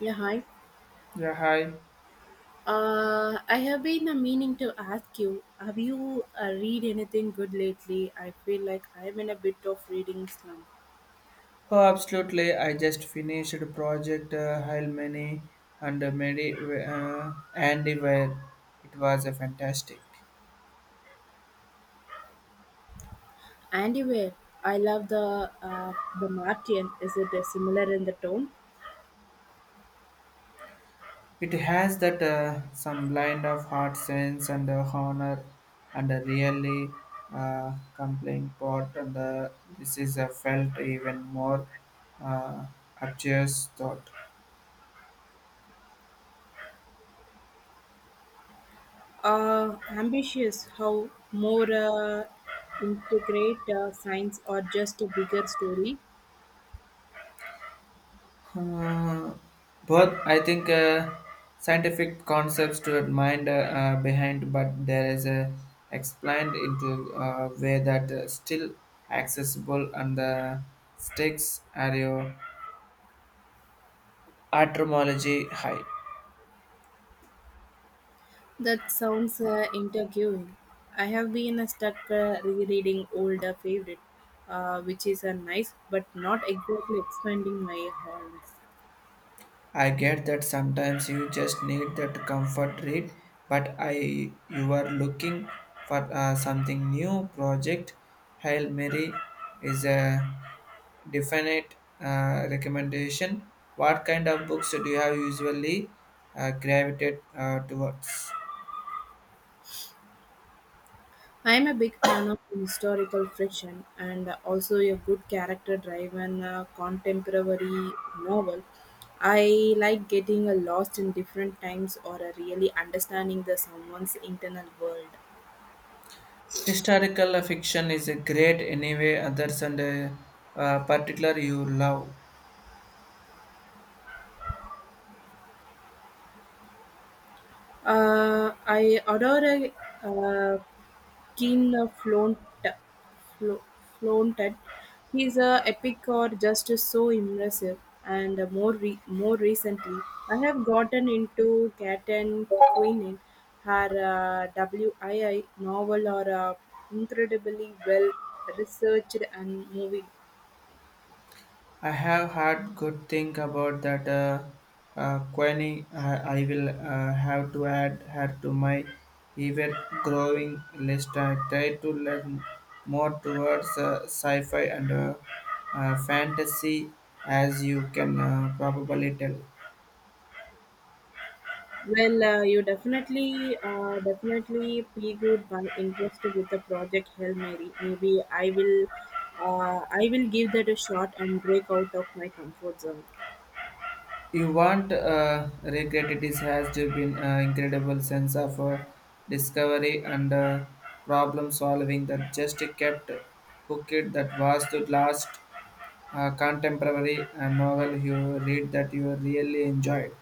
Yeah, hi. Yeah, hi. I have been meaning to ask you, have you read anything good lately? I feel like I'm in a bit of reading slump. Oh, absolutely. I just finished project many and Medi Andy where it was a fantastic. Anyway, I love the Martian. Is it similar in the tone? It has that some blend of heart sense and honor and a really compelling part and this is a felt even more uh, obtuse thought. Ambitious, how more integrate science or just a bigger story? Uh, but I think scientific concepts to mind behind, but there is a explained into a way that still accessible and the stakes are your etymology high. That sounds intriguing. I have been stuck rereading older favorite, which is a nice but not exactly expanding my horizons. I get that sometimes you just need that comfort read, but I you are looking for something new project. Hail Mary is a definite recommendation. What kind of books do you have usually gravitated towards? I am a big fan of historical fiction and also a good character-driven contemporary novel. I like getting lost in different times or really understanding the someone's internal world. Historical fiction is a great anyway others and particular you love. I ordered a keen flaunt, flo- flaunted. He's a epic or just so impressive. And more recently, I have gotten into Cat and Queen her WII novel are incredibly well researched and moving. I have heard good thing about that Queenie. I will have to add her to my ever growing list. I try to learn more towards sci-fi and fantasy, as you can probably tell. Well, you definitely piqued my interest with the project Hail Mary. Maybe I will give that a shot and break out of my comfort zone. You won't regret it. It has to been incredible sense of discovery and problem solving that just kept hooked that was to last contemporary novel you read that you really enjoyed?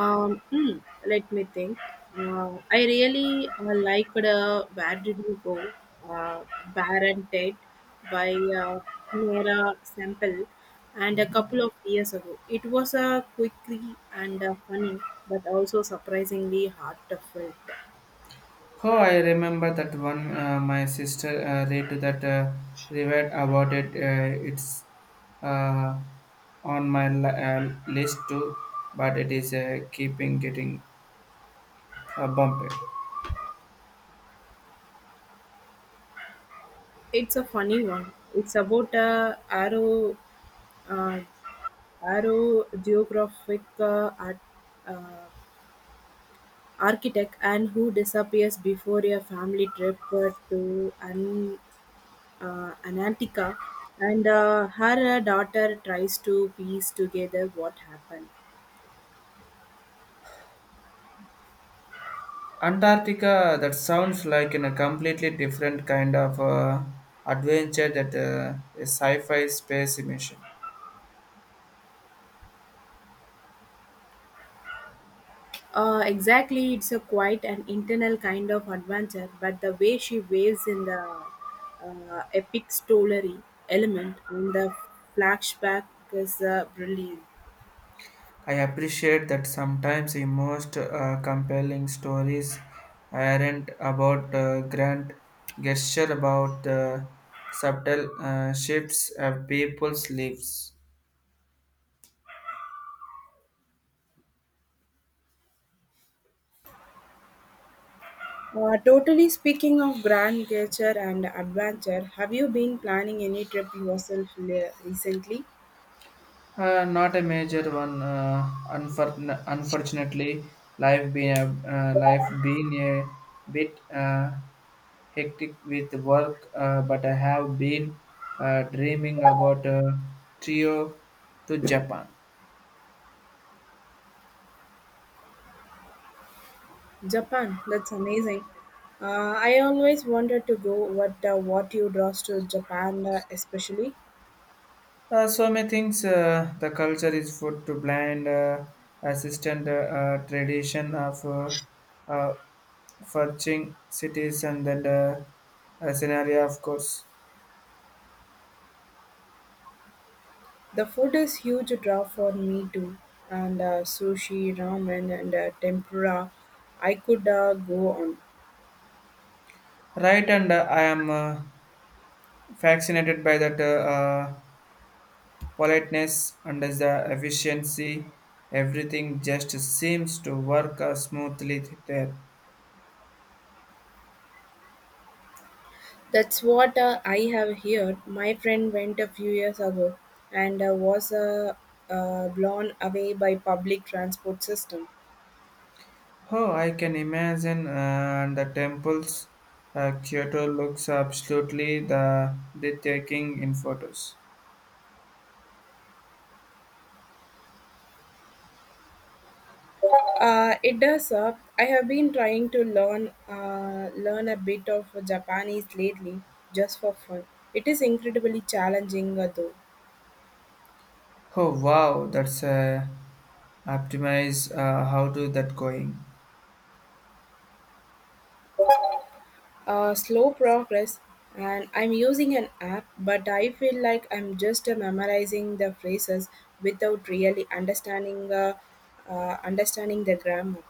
Um, hmm, Let me think. I really liked Where Did You Go? Uh, Baron Ted by Mira Sample, and a couple of years ago. It was a quickly and funny, but also surprisingly heartfelt. Oh, I remember that one. My sister read to that read about it. It's uh, on my list too, but it is keeping getting bumped. It's a funny one. It's about a uh, aero geographic, uh, architect and who disappears before a family trip to Antarctica, and her daughter tries to piece together what happened. Antarctica. That sounds like in a completely different kind of adventure. That a sci-fi space mission. Exactly, it's a quite an internal kind of adventure, but the way she waves in the epic story element in the flashback is brilliant. I appreciate that sometimes the most compelling stories aren't about grand gesture, about the subtle shifts of people's lives. Totally speaking of grand nature and adventure, have you been planning any trip yourself recently? Not a major one. Unfortunately, life been a bit hectic with work, but I have been dreaming about a trio to Japan. Japan, that's amazing. I always wanted to go. What you draws to Japan, especially? So many things. The culture is food to blend assistant tradition of uh, forging cities and then the scenario, of course. The food is huge draw for me too, and sushi, ramen, and tempura. I could go on. Right, and I am fascinated by that politeness and the efficiency. Everything just seems to work smoothly there. That's what I have heard. My friend went a few years ago, and was blown away by public transport system. Oh, I can imagine the temples. Kyoto looks absolutely the breathtaking in photos. It does. I have been trying to learn a bit of Japanese lately, just for fun. It is incredibly challenging, though. Oh wow, that's optimize. How do that going? Slow progress, and I'm using an app, but I feel like I'm just memorizing the phrases without really understanding the grammar.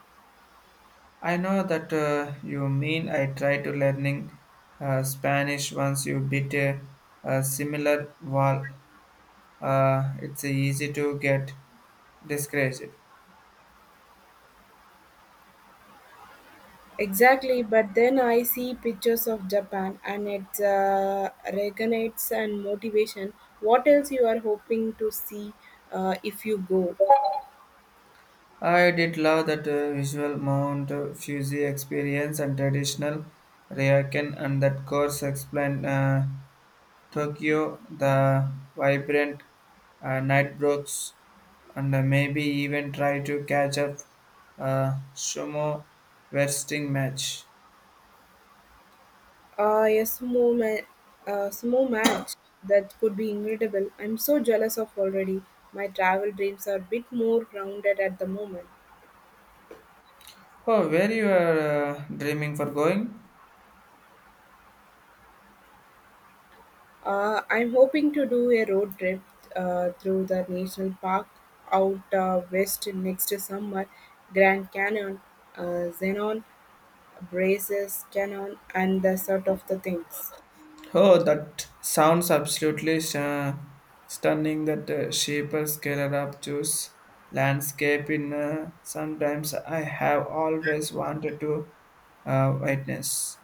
I know that you mean. I try to learning Spanish once you beat a similar wall. It's easy to get discouraged. Exactly, but then I see pictures of Japan, and it regenerates and motivation. What else you are hoping to see if you go? I did love that visual Mount Fuji experience and traditional Ryokan, and that course explained Tokyo, the vibrant night brooks, and maybe even try to catch up a sumo wrestling match. Ah, a sumo match. That could be incredible. I'm so jealous of already. My travel dreams are a bit more grounded at the moment. Oh, where you are dreaming for going? I'm hoping to do a road trip through the national park out west next summer. Grand Canyon, Zenon, Braces Canyon, and the sort of the things. Oh, that sounds absolutely stunning. That shaper scalar up juice landscape in sometimes I have always wanted to witness.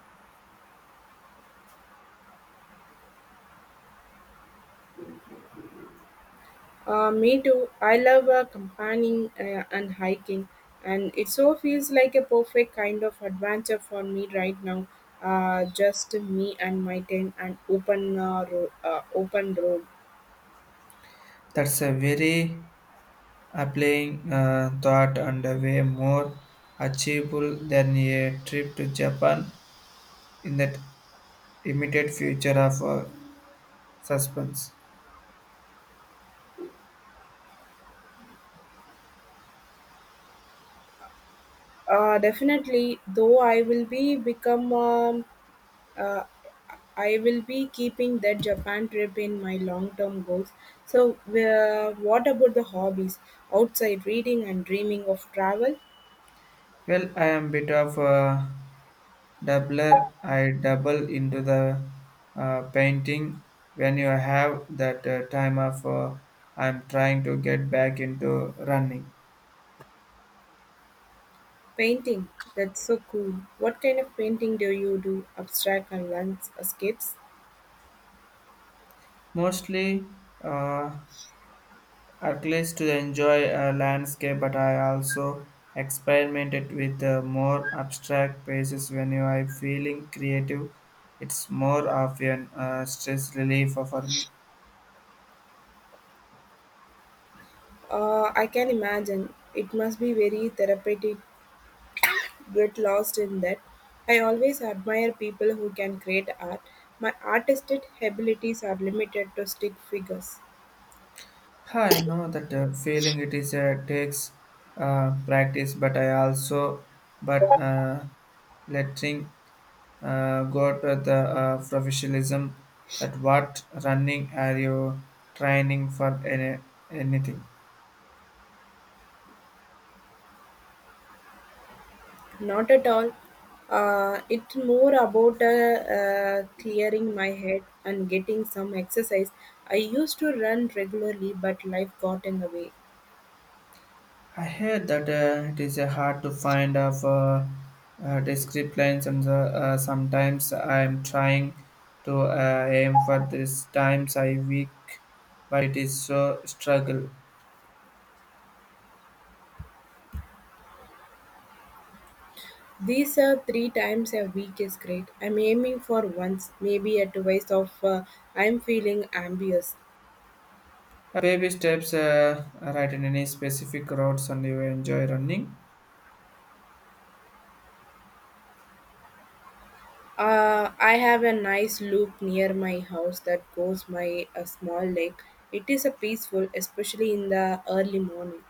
Me too. I love campaigning and hiking, and it so feels like a perfect kind of adventure for me right now. Just me and my tent and open road. That's a very appealing thought and a way more achievable than a trip to Japan in that immediate future of suspense. Definitely, though uh, I will be keeping that Japan trip in my long-term goals. So, what about the hobbies outside reading and dreaming of travel? Well, I am bit of Dabbler, I double into the painting when you have that time of I'm trying to get back into running. Painting. That's so cool. What kind of painting do you do? Abstract and landscapes? Mostly, uh, at least to enjoy a landscape, but I also experimented with more abstract pieces when you are feeling creative. It's more of an stress relief for me. I can imagine. It must be very therapeutic. Get lost in that. I always admire people who can create art. My artistic abilities are limited to stick figures. I know that feeling it is takes practice, but I also but letting go to the professionalism that what running are you training for anything. Not at all. It's more about clearing my head and getting some exercise. I used to run regularly, but life got in the way. I heard that it is hard to find of discrete lines, and sometimes I am trying to aim for this times I week, but it is so struggle. These served three times a week is great. I'm aiming for once, maybe a twice of I'm feeling ambitious. Baby steps, right in any specific routes and you enjoy running. I have a nice loop near my house that goes my a small lake. It is a peaceful, especially in the early morning.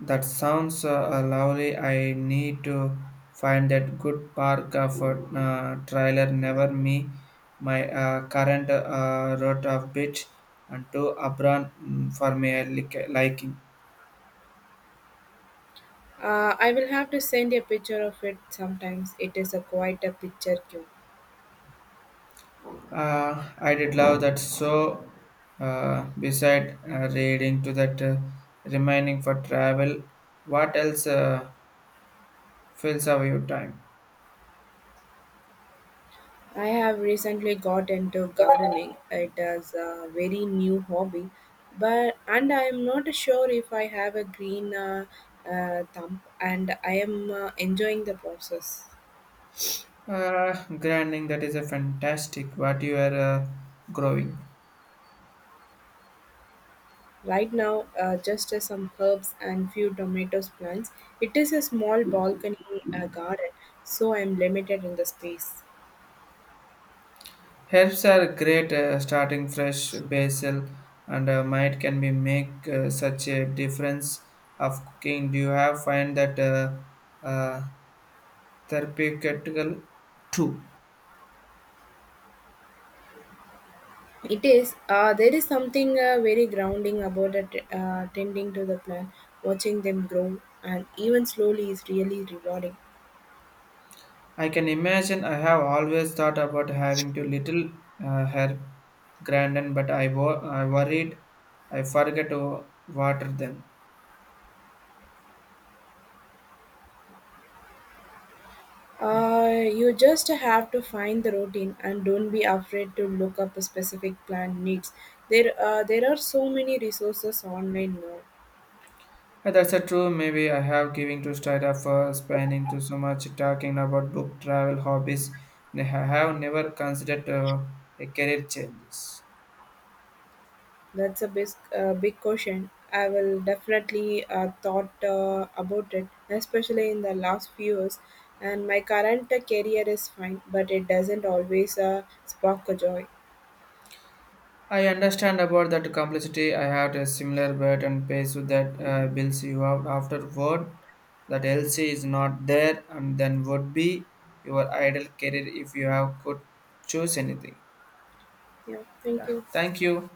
That sounds lovely. I need to find that good park for trailer never me. My current route of beach and to Abran for me I liking. I will have to send a picture of it sometimes. It is a quite a picture cue. I did love that so beside reading to that remaining for travel. What else fills up your time? I have recently got into gardening. It is a very new hobby, but and I am not sure if I have a green thumb. And I am enjoying the process Uh, grinding, that is a fantastic what you are growing. right now. Just some herbs and few tomatoes plants. It is a small balcony garden, so I am limited in the space. Herbs are great starting fresh basil and might can be make such a difference of cooking. Do you have find that uh, therapeutical too? It is. There is something very grounding about tending to the plant, watching them grow, and even slowly is really rewarding. I can imagine I have always thought about having to little herb grinding, but I worried I forget to water them. You just have to find the routine and don't be afraid to look up a specific plan needs. There are so many resources online now. That's a true. Maybe I have giving to start up for spending too so much talking about book travel hobbies. And have never considered a career changes. That's a big caution. I will definitely thought about it, especially in the last few years. And my current career is fine, but it doesn't always spark a joy. I understand about that complexity. I had a similar bet and pace with that bills you have afterward. That LC is not there, and then would be your ideal career if you have could choose anything. Yeah, thank Yeah, you. thank you.